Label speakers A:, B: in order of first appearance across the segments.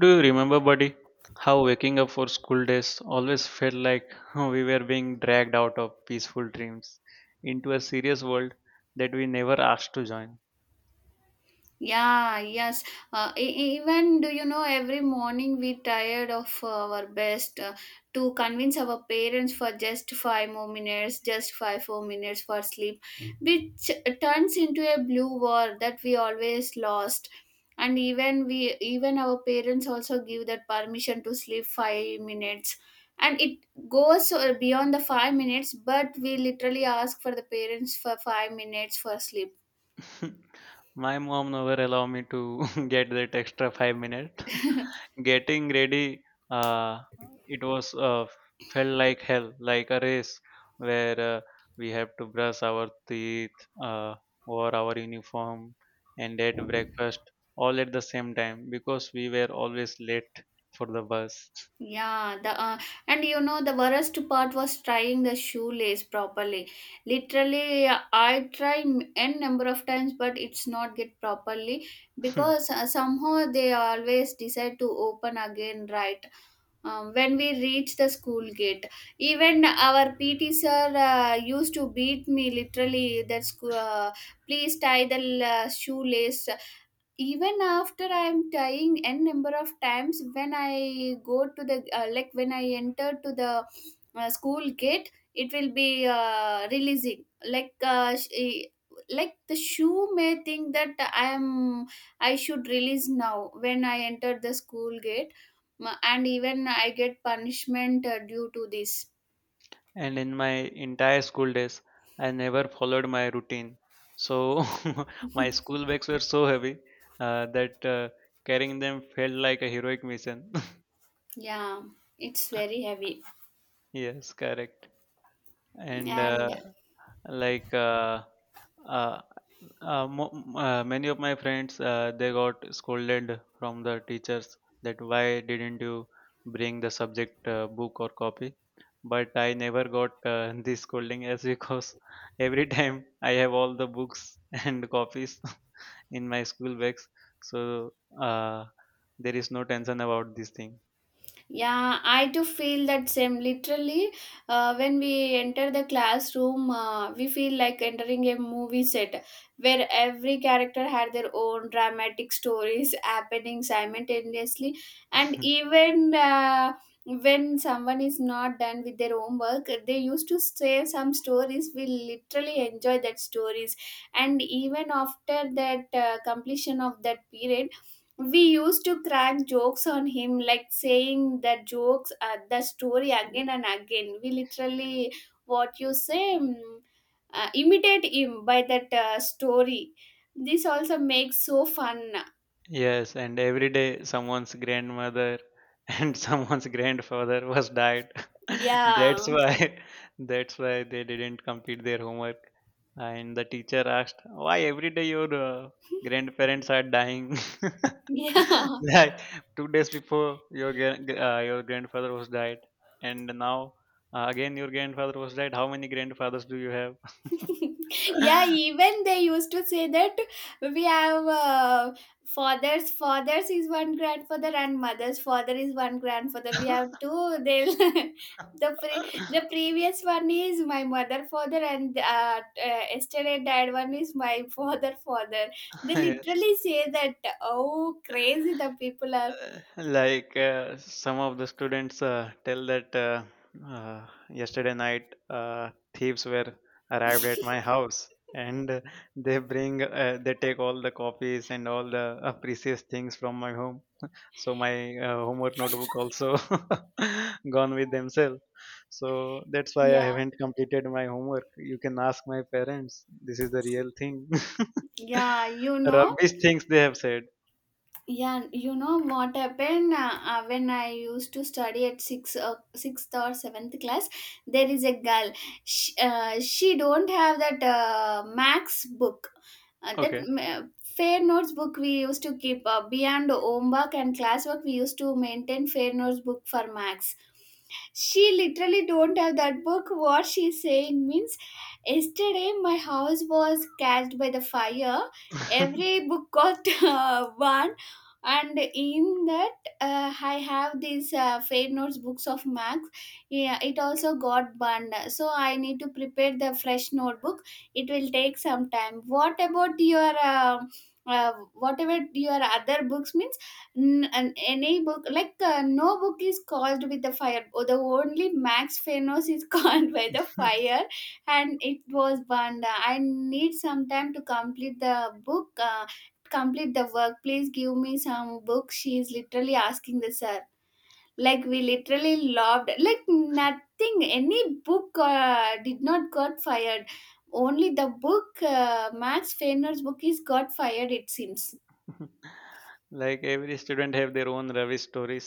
A: Do you remember, buddy, how waking up for school days always felt like we were being dragged out of peaceful dreams into a serious world that we never asked to join?
B: Yeah, yes. Even do you know, every morning we tired of our best to convince our parents for just five more minutes, just 5 4 minutes for sleep, which turns into a blue war that we always lost. And even our parents also give that permission to sleep 5 minutes, and it goes beyond the 5 minutes. But we literally ask for the parents for 5 minutes for sleep.
A: My mom never allow me to get that extra 5 minutes. Getting ready, uh, it was felt like hell, like a race where we have to brush our teeth, wear our uniform, and eat breakfast all at the same time because we were always late for the bus.
B: Yeah, the and you know the worst part was trying the shoelace properly. Literally, I try n number of times, but it's not get properly because somehow they always decide to open again. Right, when we reach the school gate, even our PT sir used to beat me. Literally, that's please tie the shoelace even after I'm trying n number of times when I go to the like when I enter to the school gate, it will be releasing, like like the shoe may think that I should release now when I enter the school gate. And even I get punishment due to this.
A: And in my entire school days, I never followed my routine. So my school bags were so heavy that carrying them felt like a heroic mission.
B: Yeah, it's very heavy.
A: Yes, correct. And
B: And
A: uh, like uh, Uh, uh, mo- Many of my friends, they got scolded from the teachers that why didn't you bring the subject book or copy, but I never got this scolding as because every time I have all the books and copies in my school bags. So uh, there is no tension about this thing.
B: yeah, I do feel that same. Literally, when we enter the classroom, we feel like entering a movie set where every character had their own dramatic stories happening simultaneously. And even when someone is not done with their homework, they used to say some stories. We literally enjoy that stories. And even after that completion of that period, we used to crack jokes on him, like saying the jokes, the story again and again. We literally, what you say, imitate him by that story. This also makes so fun.
A: Yes, and every day someone's grandmother and someone's grandfather was died.
B: Yeah.
A: That's why that's why they didn't complete their homework. And the teacher asked, "Why every day your grandparents are dying?"
B: Yeah.
A: Like 2 days before your your grandfather was died, and now again your grandfather was died. How many grandfathers do you have?
B: Yeah, even they used to say that we have fathers fathers is one grandfather and mother's father is one grandfather, we have two. They, the previous one is my mother father, and yesterday died one is my father father. They
A: Yes.
B: literally say that, oh, crazy the people are.
A: Like some of the students tell that yesterday night, thieves were arrived at my house and uh, they take all the copies and all the precious things from my home. So my homework notebook also gone with themselves. So that's why I
B: Yeah,
A: haven't completed my homework. You can ask my parents. This is the real thing.
B: yeah,
A: Rubbish things they have said.
B: yeah. And you know what happened, when I used to study at sixth or seventh class. There is a girl. She don't have that Max book, that
A: Okay.
B: fair notes book we used to keep beyond homework and classwork. We used to maintain fair notes book for Max. She literally don't have that book. What she's saying means, yesterday my house was catched by the fire. Every book got burned, and in that I have these fair notes books of max. Yeah, it also got burned, so I need to prepare the fresh notebook. It will take some time. What about your whatever your other books means? Any book, like no book is caused with the fire. Oh, the only max phanos is called by the fire, and it was burned. I need some time to complete the book, complete the work. Please give me some books. She is literally asking the sir. Like we literally loved. Like nothing. Any book did not got fired. Only the book, Max Fehrner's book, is got fired, it seems.
A: Like every student have their own rubbish stories,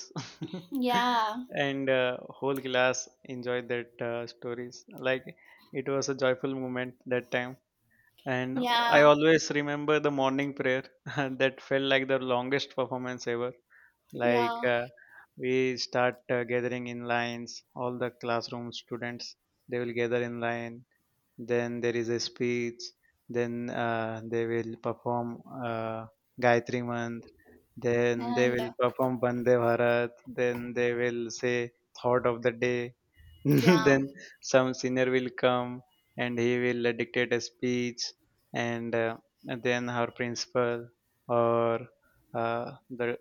B: Yeah.
A: and whole class enjoyed that stories. Like it was a joyful moment that time. And I
B: Yeah.
A: always remember the morning prayer that felt like the longest performance ever. Like
B: Yeah.
A: we start gathering in lines. All the classroom students, they will gather in line, then there is a speech, then they will perform Gayatri mantra, then they
B: And
A: will perform Vande Bharat, then they will say thought of the day.
B: yeah.
A: Then some senior will come and he will dictate a speech, and, uh, and then our principal or the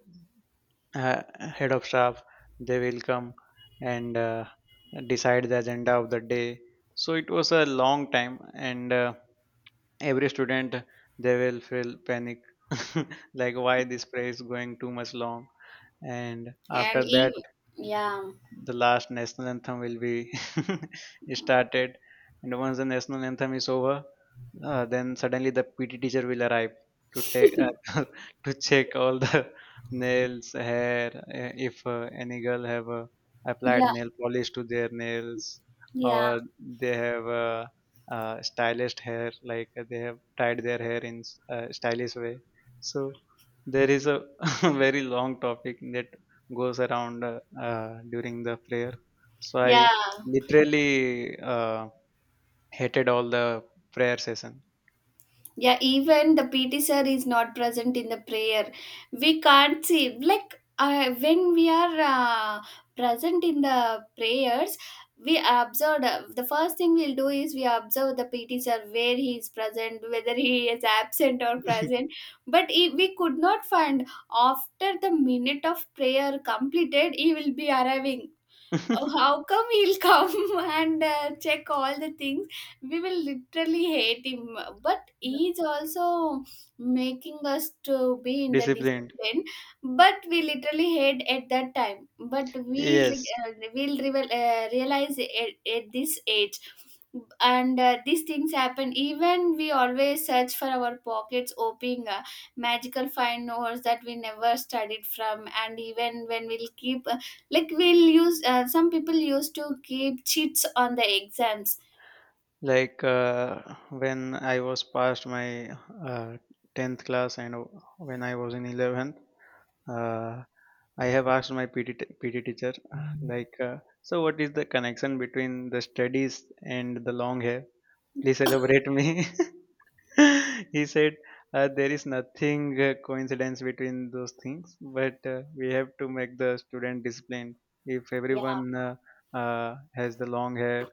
A: head of staff, they will come and decide the agenda of the day. So it was a long time, and every student, they will feel panic. Like why this prayer is going too much long. And
B: And
A: after that,
B: even yeah.
A: the last national anthem will be started, and once the national anthem is over, then suddenly the PT teacher will arrive to take to check all the nails, hair, if any girl have applied
B: Yeah.
A: nail polish to their nails,
B: Yeah.
A: or they have stylist hair, like they have tied their hair in stylish way. So there is a very long topic that goes around during the prayer. So
B: Yeah.
A: I literally hated all the prayer session.
B: Yeah, even the PT sir is not present in the prayer. We can't see. Like when we are present in the prayers, we observe. The first thing we'll do is we observe the PT sir where he is present, whether he is absent or present. But he, we could not find. After the minute of prayer completed, he will be arriving. Oh, how come he'll come and check all the things? We will literally hate him. But he's also making us to be in the
A: Disciplined.
B: discipline. But we literally hate at that time. But we'll
A: Yes.
B: re- we'll revel realize at this age, and these things happen. Even we always search for our pockets, hoping magical find notes that we never studied from. And even when we'll keep like we'll use some people used to keep cheats on the exams.
A: Like when I was past my 10th class, and when I was in 11th, uh, I have asked my PT, PT teacher, so what is the connection between the studies and the long hair? Please elaborate me. He said there is nothing coincidence between those things, but we have to make the student disciplined. If
B: Yeah.
A: everyone has the long hair,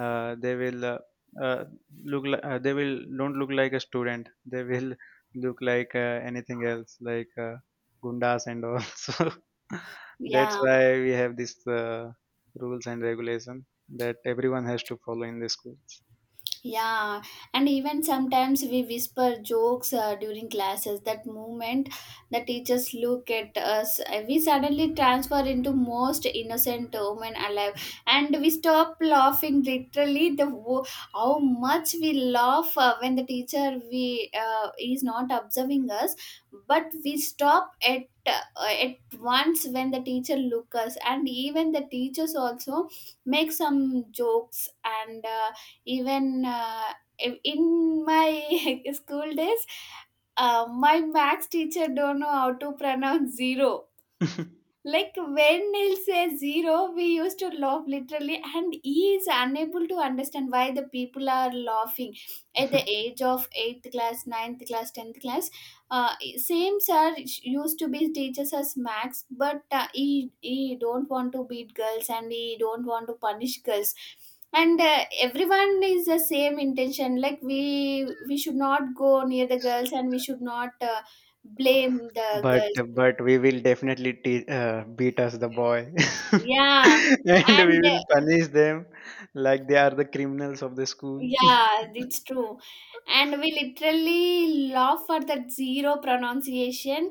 A: uh, they will uh, uh, they will don't look like a student, they will look like anything else, like gundas and all. So that's
B: Yeah.
A: why we have these rules and regulation that everyone has to follow in the schools.
B: Yeah, and even sometimes we whisper jokes during classes. That moment the teachers look at us, we suddenly transfer into most innocent woman alive, and we stop laughing. Literally, how much we laugh when the teacher we is not observing us, but we stop at once when the teacher look us. And even the teachers also make some jokes, and even in my school days, my max teacher don't know how to pronounce zero. Like when Neil says zero, we used to laugh literally, and he is unable to understand why the people are laughing at the age of eighth class, ninth class, tenth class. Same sir used to be teachers as max, but he don't want to beat girls, and he don't want to punish girls. And everyone is the same intention, like we should not go near the girls, and we should not blame the
A: But
B: girls.
A: but we will definitely beat us the boy,
B: Yeah,
A: and we
B: and
A: will punish them like they are the criminals of the school.
B: yeah, it's true. And we literally laugh for that zero pronunciation.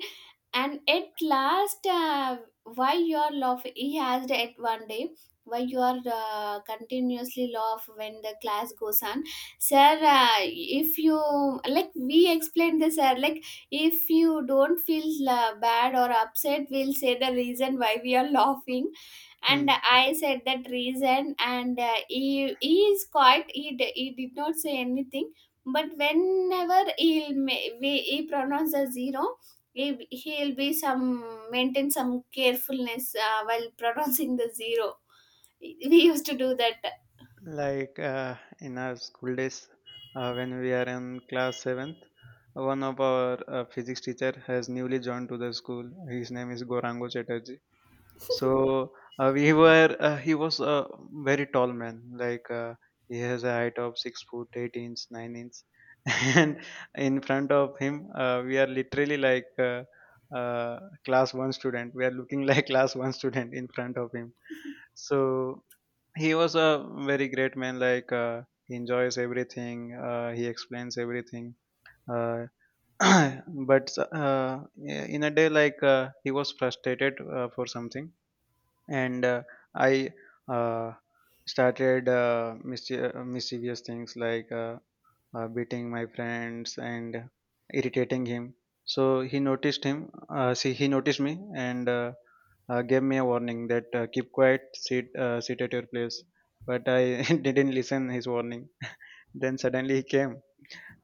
B: And at last, why you are laughing? He asked at one day, why you are continuously laugh when the class goes on, sir? If you like, we explained this, sir. Like, if you don't feel bad or upset, we'll say the reason why we are laughing. And
A: Hmm.
B: I said that reason, and he is quiet. He did not say anything. But whenever he pronounce the zero, he'll be some maintain some carefulness while pronouncing the zero. We used to do that.
A: Like in our school days, when we are in class seventh, one of our physics teacher has newly joined to the school. His name is Gorango Chatterjee. So we were He was a very tall man, like he has a height of 6 foot eight inch nine inch, and in front of him, we are literally like class one student. We are looking like class one student in front of him. So he was a very great man. Like he enjoys everything. He explains everything. Uh, but in a day, like he was frustrated for something, and I uh, started mischievous things, like beating my friends and irritating him. So he noticed him. See, he noticed me, and gave me a warning that keep quiet, sit, sit at your place. But I didn't listen his warning. Then suddenly he came,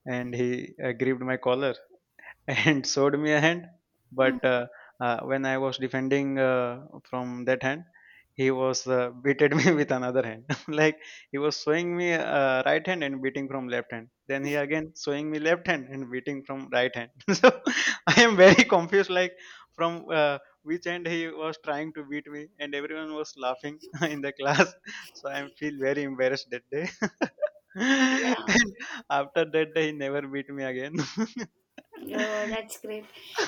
A: and he gripped my collar and showed me a hand.
B: Hmm.
A: But when I was defending from that hand, he was beated me with another hand. Like he was showing me right hand and beating from left hand. Then he again showing me left hand and beating from right hand. So I am very confused. Like from which hand he was trying to beat me, and everyone was laughing in the class. So I feel very embarrassed that day.
B: Yeah.
A: And after that day, he never beat me again.
B: Oh, that's great.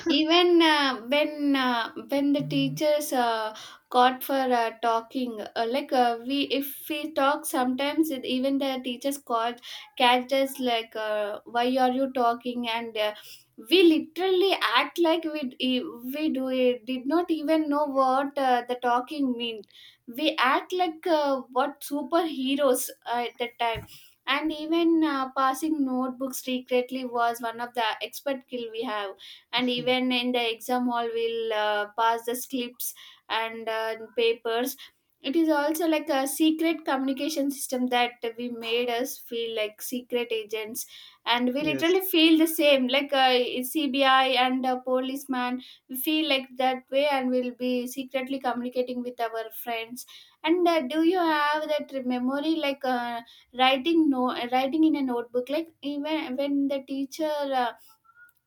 B: Even when the teachers caught for talking, like we if we talk sometimes, it, even the teachers caught catch us like, "Why are you talking?" And we literally act like we do it, did not even know what the talking meant. We act like what superheroes at that time. And even passing notebooks secretly was one of the expert skill we have. And even in the exam hall, we'll pass the slips and papers. It is also like a secret communication system that we made us feel like secret agents. And we
A: Yes.
B: literally feel the same, like a CBI and a policeman. We feel like that way, and we'll be secretly communicating with our friends. And do you have that memory like writing no writing in a notebook, like even when the teacher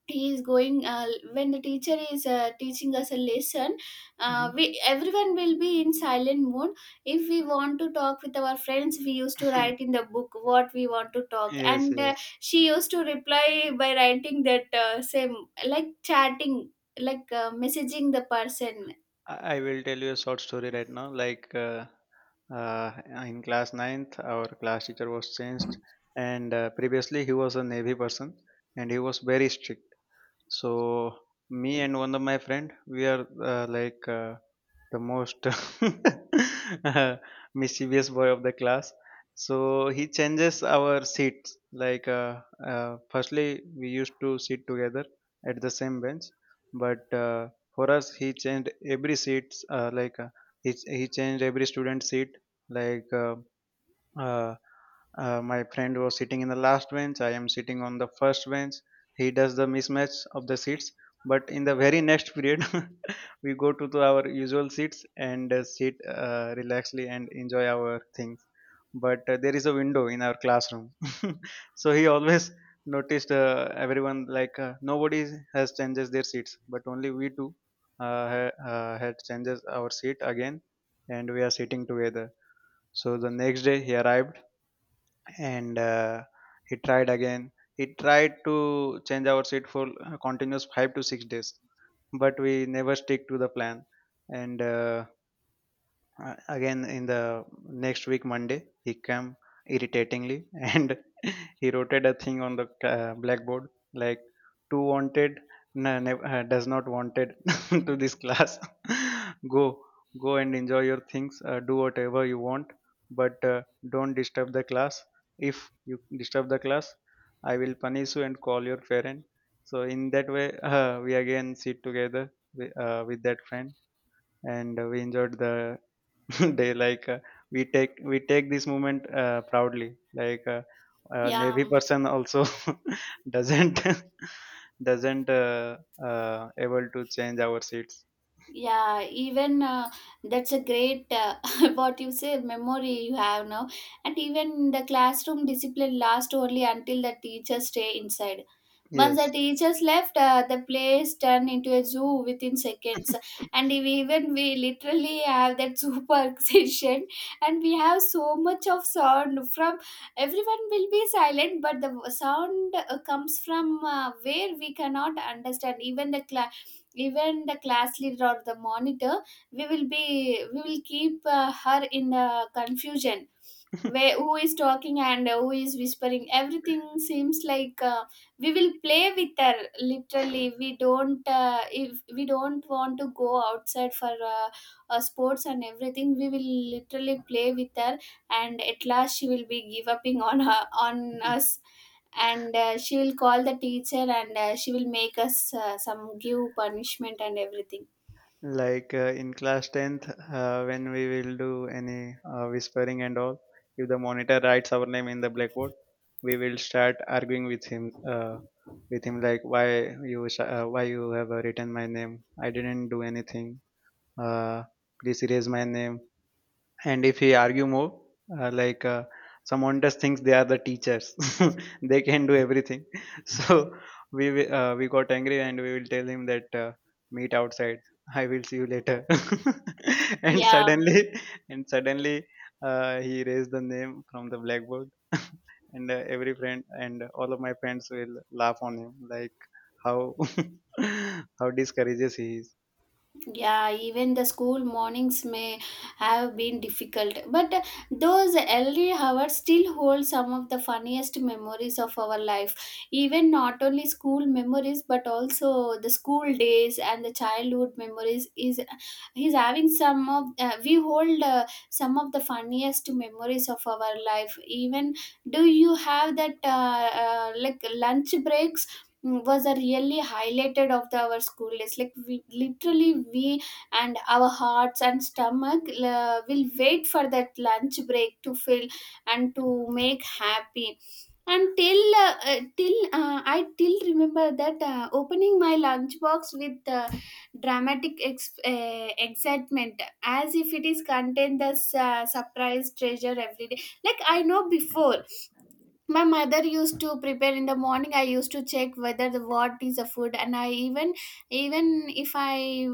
B: he is going uh, is teaching us a lesson.
A: Mhm.
B: We everyone will be in silent mode. If we want to talk with our friends, we used to write in the book what we want to talk,
A: Yes,
B: and
A: yes.
B: she used to reply by writing that same, like chatting, like messaging the person.
A: I will tell you a short story right now. Like uh, in class ninth, our class teacher was changed, and previously he was a navy person, and he was very strict. So me and one of my friend, we are the most uh, mischievous boy of the class. So he changes our seats. Like firstly, we used to sit together at the same bench, but for us, he changed every seats. He changed every student seat. Like uh, my friend was sitting in the last bench. I am sitting on the first bench. He does the mismatch of the seats. But in the very next period, we go to the- our usual seats and sit relaxedly and enjoy our things. But there is a window in our classroom, so he always noticed everyone, like nobody has changes their seats, but only we two had changes our seat again, and we are sitting together. So the next day he arrived, and he tried to change our seat for continuous 5 to 6 days, but we never stick to the plan. And Again, in the next week, Monday, he came irritatingly and he wrote a thing on the blackboard, like "Too wanted, does not wanted to this class. Go, go and enjoy your things. Do whatever you want, but don't disturb the class. If you disturb the class, I will punish you and call your parent." So in that way, we again sit together with that friend, and we enjoyed the they, like we take this moment proudly, like
B: Yeah.
A: navy person also doesn't doesn't uh, able to change our seats.
B: Yeah, even that's a great what you say memory you have now. And even the classroom discipline lasts only until the teachers stay inside. Once
A: Yes.
B: the teachers left, the place turned into a zoo within seconds. And if even we literally have that super session, and we have so much of sound from everyone will be silent, but the sound comes from where we cannot understand. Even the class leader or the monitor, we will keep her in the confusion where who is talking and who is whispering, everything seems like we will play with her. Literally we don't If we don't want to go outside for sports and everything, we will literally play with her, and at last she will be give upping on us. And she will call the teacher, and she will make us some give punishment and everything.
A: Like in class 10th, when we will do any whispering and all, if the monitor writes our name in the blackboard, we will start arguing with him, uh, like why why you have written my name, I didn't do anything. uh, please erase my name. And if he argue more, uh, like uh, someone just thinks they are the teachers, they can do everything. So we got angry and we will tell him that meet outside. I will see you later. and
B: Yeah,
A: suddenly, and suddenly, he erased the name from the blackboard. And every friend and all of my friends will laugh on him like how, how discourages he is.
B: yeah. Even the school mornings may have been difficult, but those early hours still hold some of the funniest memories of our life. Even not only school memories, but also the school days and the childhood memories, is he's having some of we hold some of the funniest memories of our life. Even, do you have that like, lunch breaks, was a really highlighted of our school days. Like, we literally we and our hearts and stomach will wait for that lunch break, to fill and to make happy. And till till I till remember that opening my lunch box with dramatic excitement, as if it is contained the surprise treasure every day. Like, I know before my mother used to prepare in the morning, I used to check whether the what is the food. And I even, even if i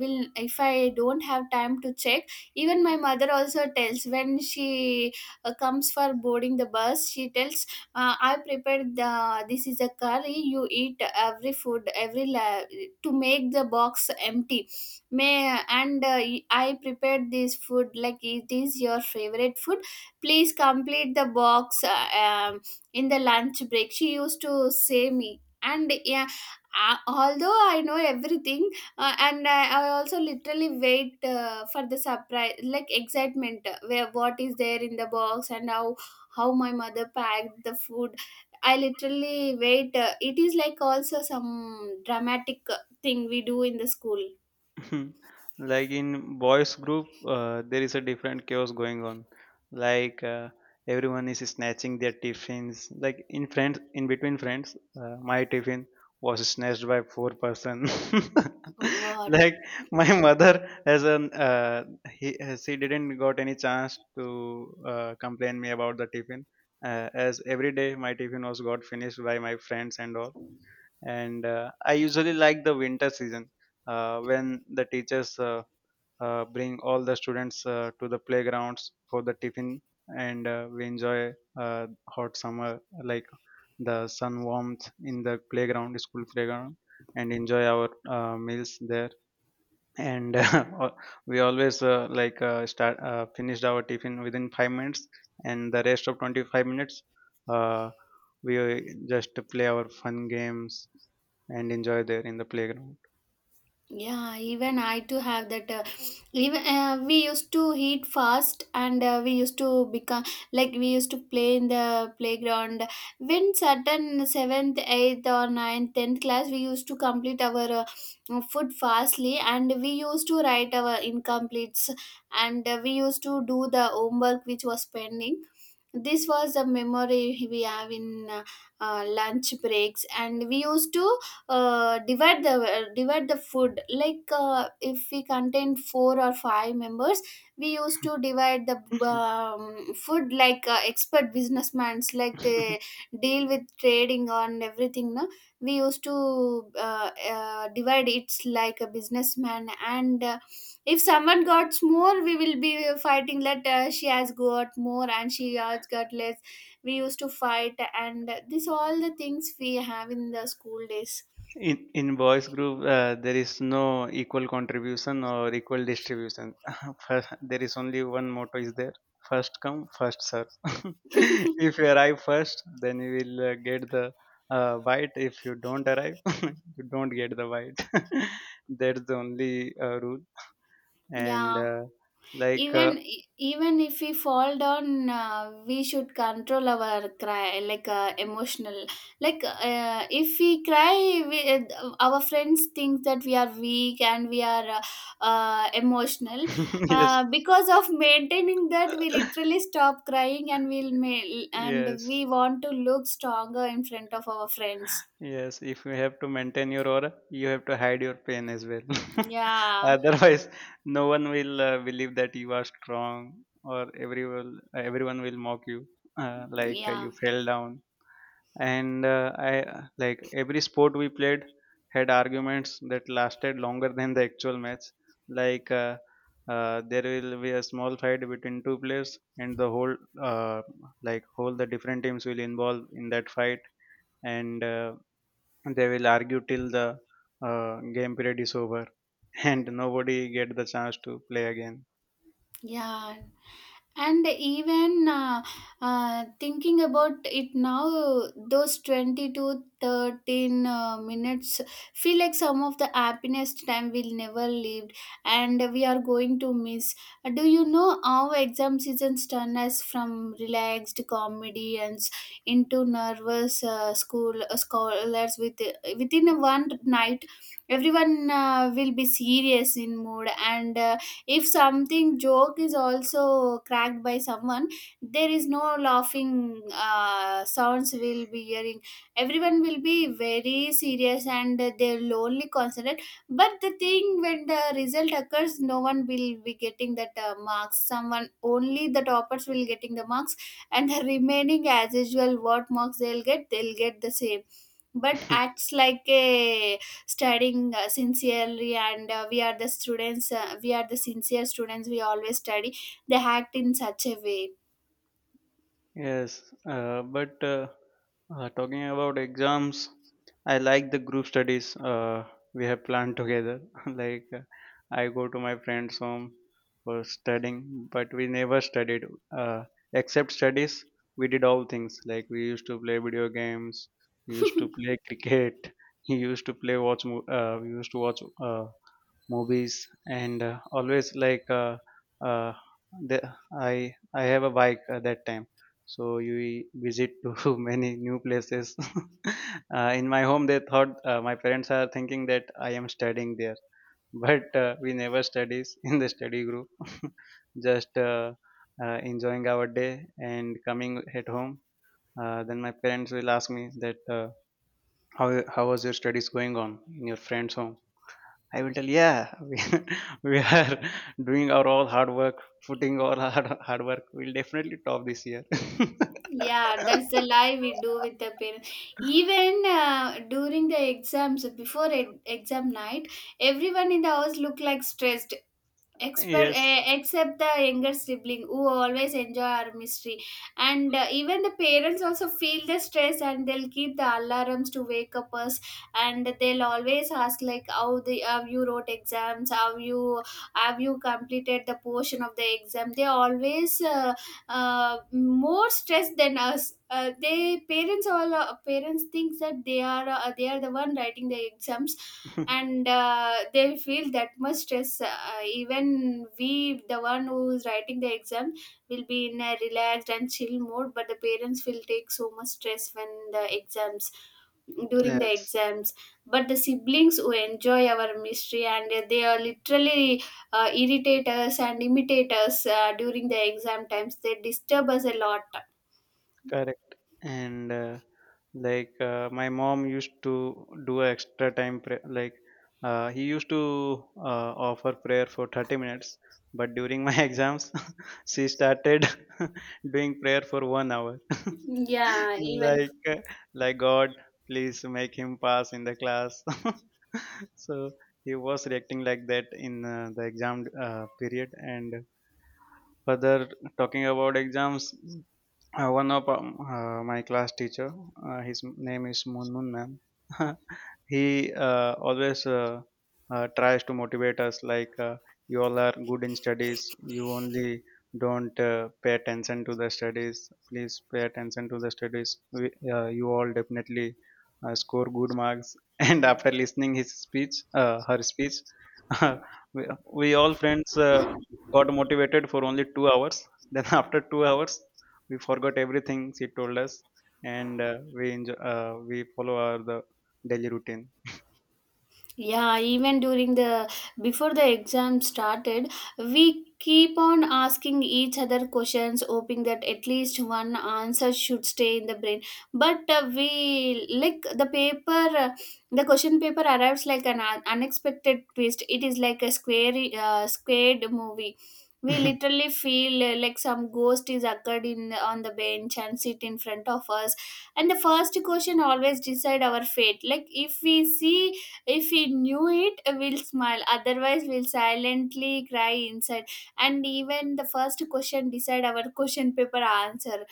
B: if I don't have time to check, even my mother also tells, when she comes for boarding the bus, she tells, I prepared the this is a curry, you eat every food, to make the box empty. May And I prepared this food, like it is your favorite food. Please complete the box. In the lunch break she used to say me. And yeah, although I know everything, and I also literally wait for the surprise, like excitement, where what is there in the box, and how my mother packed the food. I literally wait. It is like also some dramatic thing we do in the school.
A: Like in boys group, there is a different chaos going on. Like everyone is snatching their tiffins, like in friends, in between friends, my tiffin was snatched by four person.
B: What?
A: Like my mother has an, uh, she didn't got any chance to complain me about the tiffin, as every day my tiffin was got finished by my friends and all. And I usually like the winter season, when the teachers bring all the students to the playgrounds for the tiffin. And we enjoy hot summer, like the sun warmth in the playground, school playground, and enjoy our meals there. And we always, like start finished our tiffin within 5 minutes, and the rest of 25 minutes uh, we just play our fun games and enjoy there in the playground.
B: Yeah, even I too have that. Even we used to eat fast, and we used to become, like we used to play in the playground. When certain seventh, eighth, or ninth, tenth class, we used to complete our food fastly, and we used to write our incompletes, and we used to do the homework which was pending. This was a memory we have in lunch breaks, and we used to divide the food. Like, if we contain four or five members, we used to divide the food like expert businessmen, like they deal with trading on everything, no? We used to divide, it's like a businessman. And if someone got more, we will be fighting that she has got more and she has got less. We used to fight, and this all the things we have in the school days.
A: In boys group, there is no equal contribution or equal distribution. First, there is only one motto is there: first come first serve. If you arrive first, then you will get the bite. If you don't arrive, you don't get the bite. That's the only rule.
B: Yeah.
A: And like
B: Even if we fall down, we should control our cry, like emotional. Like, if we cry, our friends think that we are weak, and we are emotional.
A: Yes,
B: Because of maintaining that, we literally stop crying, and and
A: yes.
B: we want to look stronger in front of our friends.
A: Yes, if you have to maintain your aura, you have to hide your pain as well.
B: Yeah,
A: Otherwise, no one will believe that you are strong, or everyone will mock you,
B: yeah.
A: you fell down. And I, like every sport we played had arguments that lasted longer than the actual match. Like, there will be a small fight between two players, and the whole, uh, like whole the different teams will involve in that fight. And. They will argue till the game period is over, and nobody get the chance to play again.
B: Yeah, and even thinking about it now, those 20 to 13 minutes feel like some of the happiest time we'll never lived, and we are going to miss. Do you know how exam seasons turn us from relaxed comedians into nervous school scholars within one night? Everyone will be serious in mood, and if something joke is also cracked by someone, there is no laughing sounds will be hearing. Everyone will be very serious, and they'll only concentrate. But the thing, when the result occurs, no one will be getting that marks, someone, only the toppers will getting the marks. And the remaining, as usual, what marks they'll get, they'll get the same. But acts like a studying sincerely, and we are the students, we are the sincere students, we always study, they act in such a way.
A: Yes. But Talking about exams, I like the group studies we have planned together. Like I go to my friend's home for studying, but we never studied. uh, Except studies, we did all things. Like, we used to play video games, we used to play cricket, we used to we used to watch uh, movies. And uh, always like uh, uh, the, I have a bike at that time, so you e, visit to many new places. In my home, they thought, my parents are thinking that I am studying there, but we never studies in the study group. Just enjoying our day and coming at home. Then my parents will ask me that, how how was your studies going on in your friend's home. I will tell, yeah, we are doing our all hard work, putting all our hard work. We'll definitely top this year.
B: Yeah, that's the lie we do with the parents. Even during the exams, before exam night, everyone in the house look like stressed.
A: Yes.
B: Except the younger sibling who always enjoy our mystery. And even the parents also feel the stress, and they'll keep the alarms to wake up us, and they'll always ask like, how the, have you wrote exams, how you, have you completed the portion of the exam. They always more stressed than us. They parents, all parents thinks that they are the one writing the exams, and they feel that much stress. Even we, the one who's writing the exam, will be in a relaxed and chill mode, but the parents will take so much stress when the exams, during the
A: Yes.
B: exams. But the siblings who enjoy our mystery, and they are literally irritate us and imitate us during the exam times, they disturb us a lot.
A: Correct. And my mom used to do a extra time prayer. Like, he used to offer prayer for 30 minutes, but during my exams, she started doing prayer for 1 hour.
B: yeah even
A: Like God, please make him pass in the class. So he was reacting like that in the exam period. And further, talking about exams, one of my class teacher, his name is Moon Moon Ma'am. He always tries to motivate us, like, you all are good in studies. You only don't pay attention to the studies. Please pay attention to the studies. You all definitely score good marks. And after listening his speech, her speech, we, we all friends got motivated for only 2 hours. Then after 2 hours, we forgot everything she told us. And we enjoy, we follow our the daily routine.
B: Yeah, even during the, before the exam started, we keep on asking each other questions, hoping that at least one answer should stay in the brain. But we like the paper, the question paper arrives like an unexpected twist. It is like a squared movie. We literally feel like some ghost is occurred in on the bench and sit in front of us, and the first question always decide our fate. Like, if we see, if we knew it, we'll smile. Otherwise, we'll silently cry inside. And even the first question decide our question paper answer.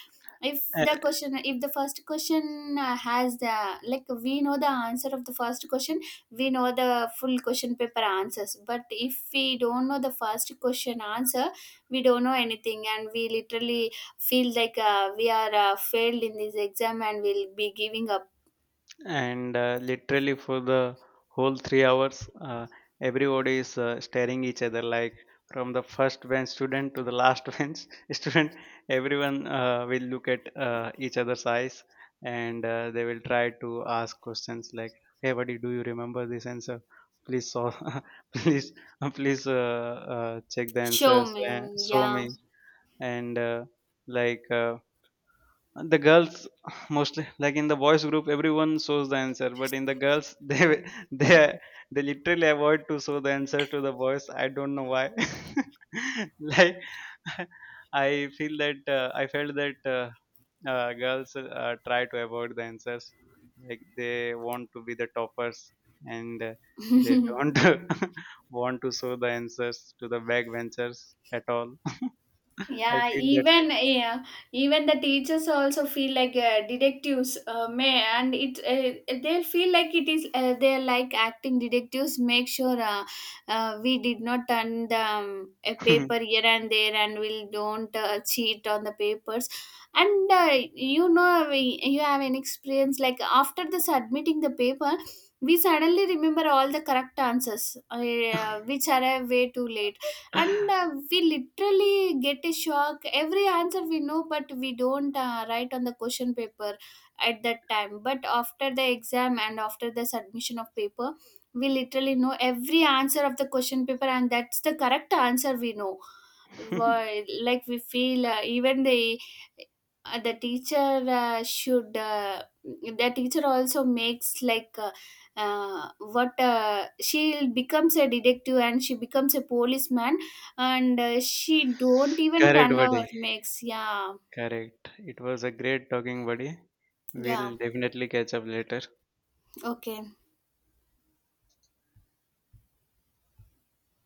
B: If the first question has the like we know the answer of the first question, we know the full question paper answers. But if we don't know the first question answer, we don't know anything, and we literally feel like we are failed in this exam, and we'll be giving up.
A: And literally for the whole 3 hours, everybody is staring each other, like from the first bench student to the last bench student. Everyone will look at each other's eyes, and they will try to ask questions like, hey buddy, do you remember this answer? Please solve, please, check the
B: Show
A: answers
B: me,
A: and show
B: yeah.
A: me. And uh, like uh, the girls, mostly like in the boys group everyone shows the answer, but in the girls, they they literally avoid to show the answer to the boys. I don't know why. Like, I felt that girls try to avoid the answers, like they want to be the toppers, and they don't want to show the answers to the backbenchers at all. I
B: Yeah,
A: feel that
B: even, yeah, even the teachers also feel like detectives. May and it They feel like it is they're like acting detectives. Make sure we did not turn the a paper
A: thing.
B: here and there, and we don't cheat on the papers. And, you know, we, you have an experience like, after the submitting the paper, we suddenly remember all the correct answers, which are way too late, and we literally get a shock. Every answer we know, but we don't write on the question paper at that time. But after the exam, and after the submission of paper, we literally know every answer of the question paper, and that's the correct answer we know. Like, we feel even the teacher should the teacher also makes like uh, what she becomes a detective, and she becomes a policeman, and she don't even
A: Correct,
B: turn our
A: buddy.
B: makes. Yeah,
A: Correct. It was a great talking, buddy.
B: yeah.
A: We'll definitely catch up later.
B: Okay.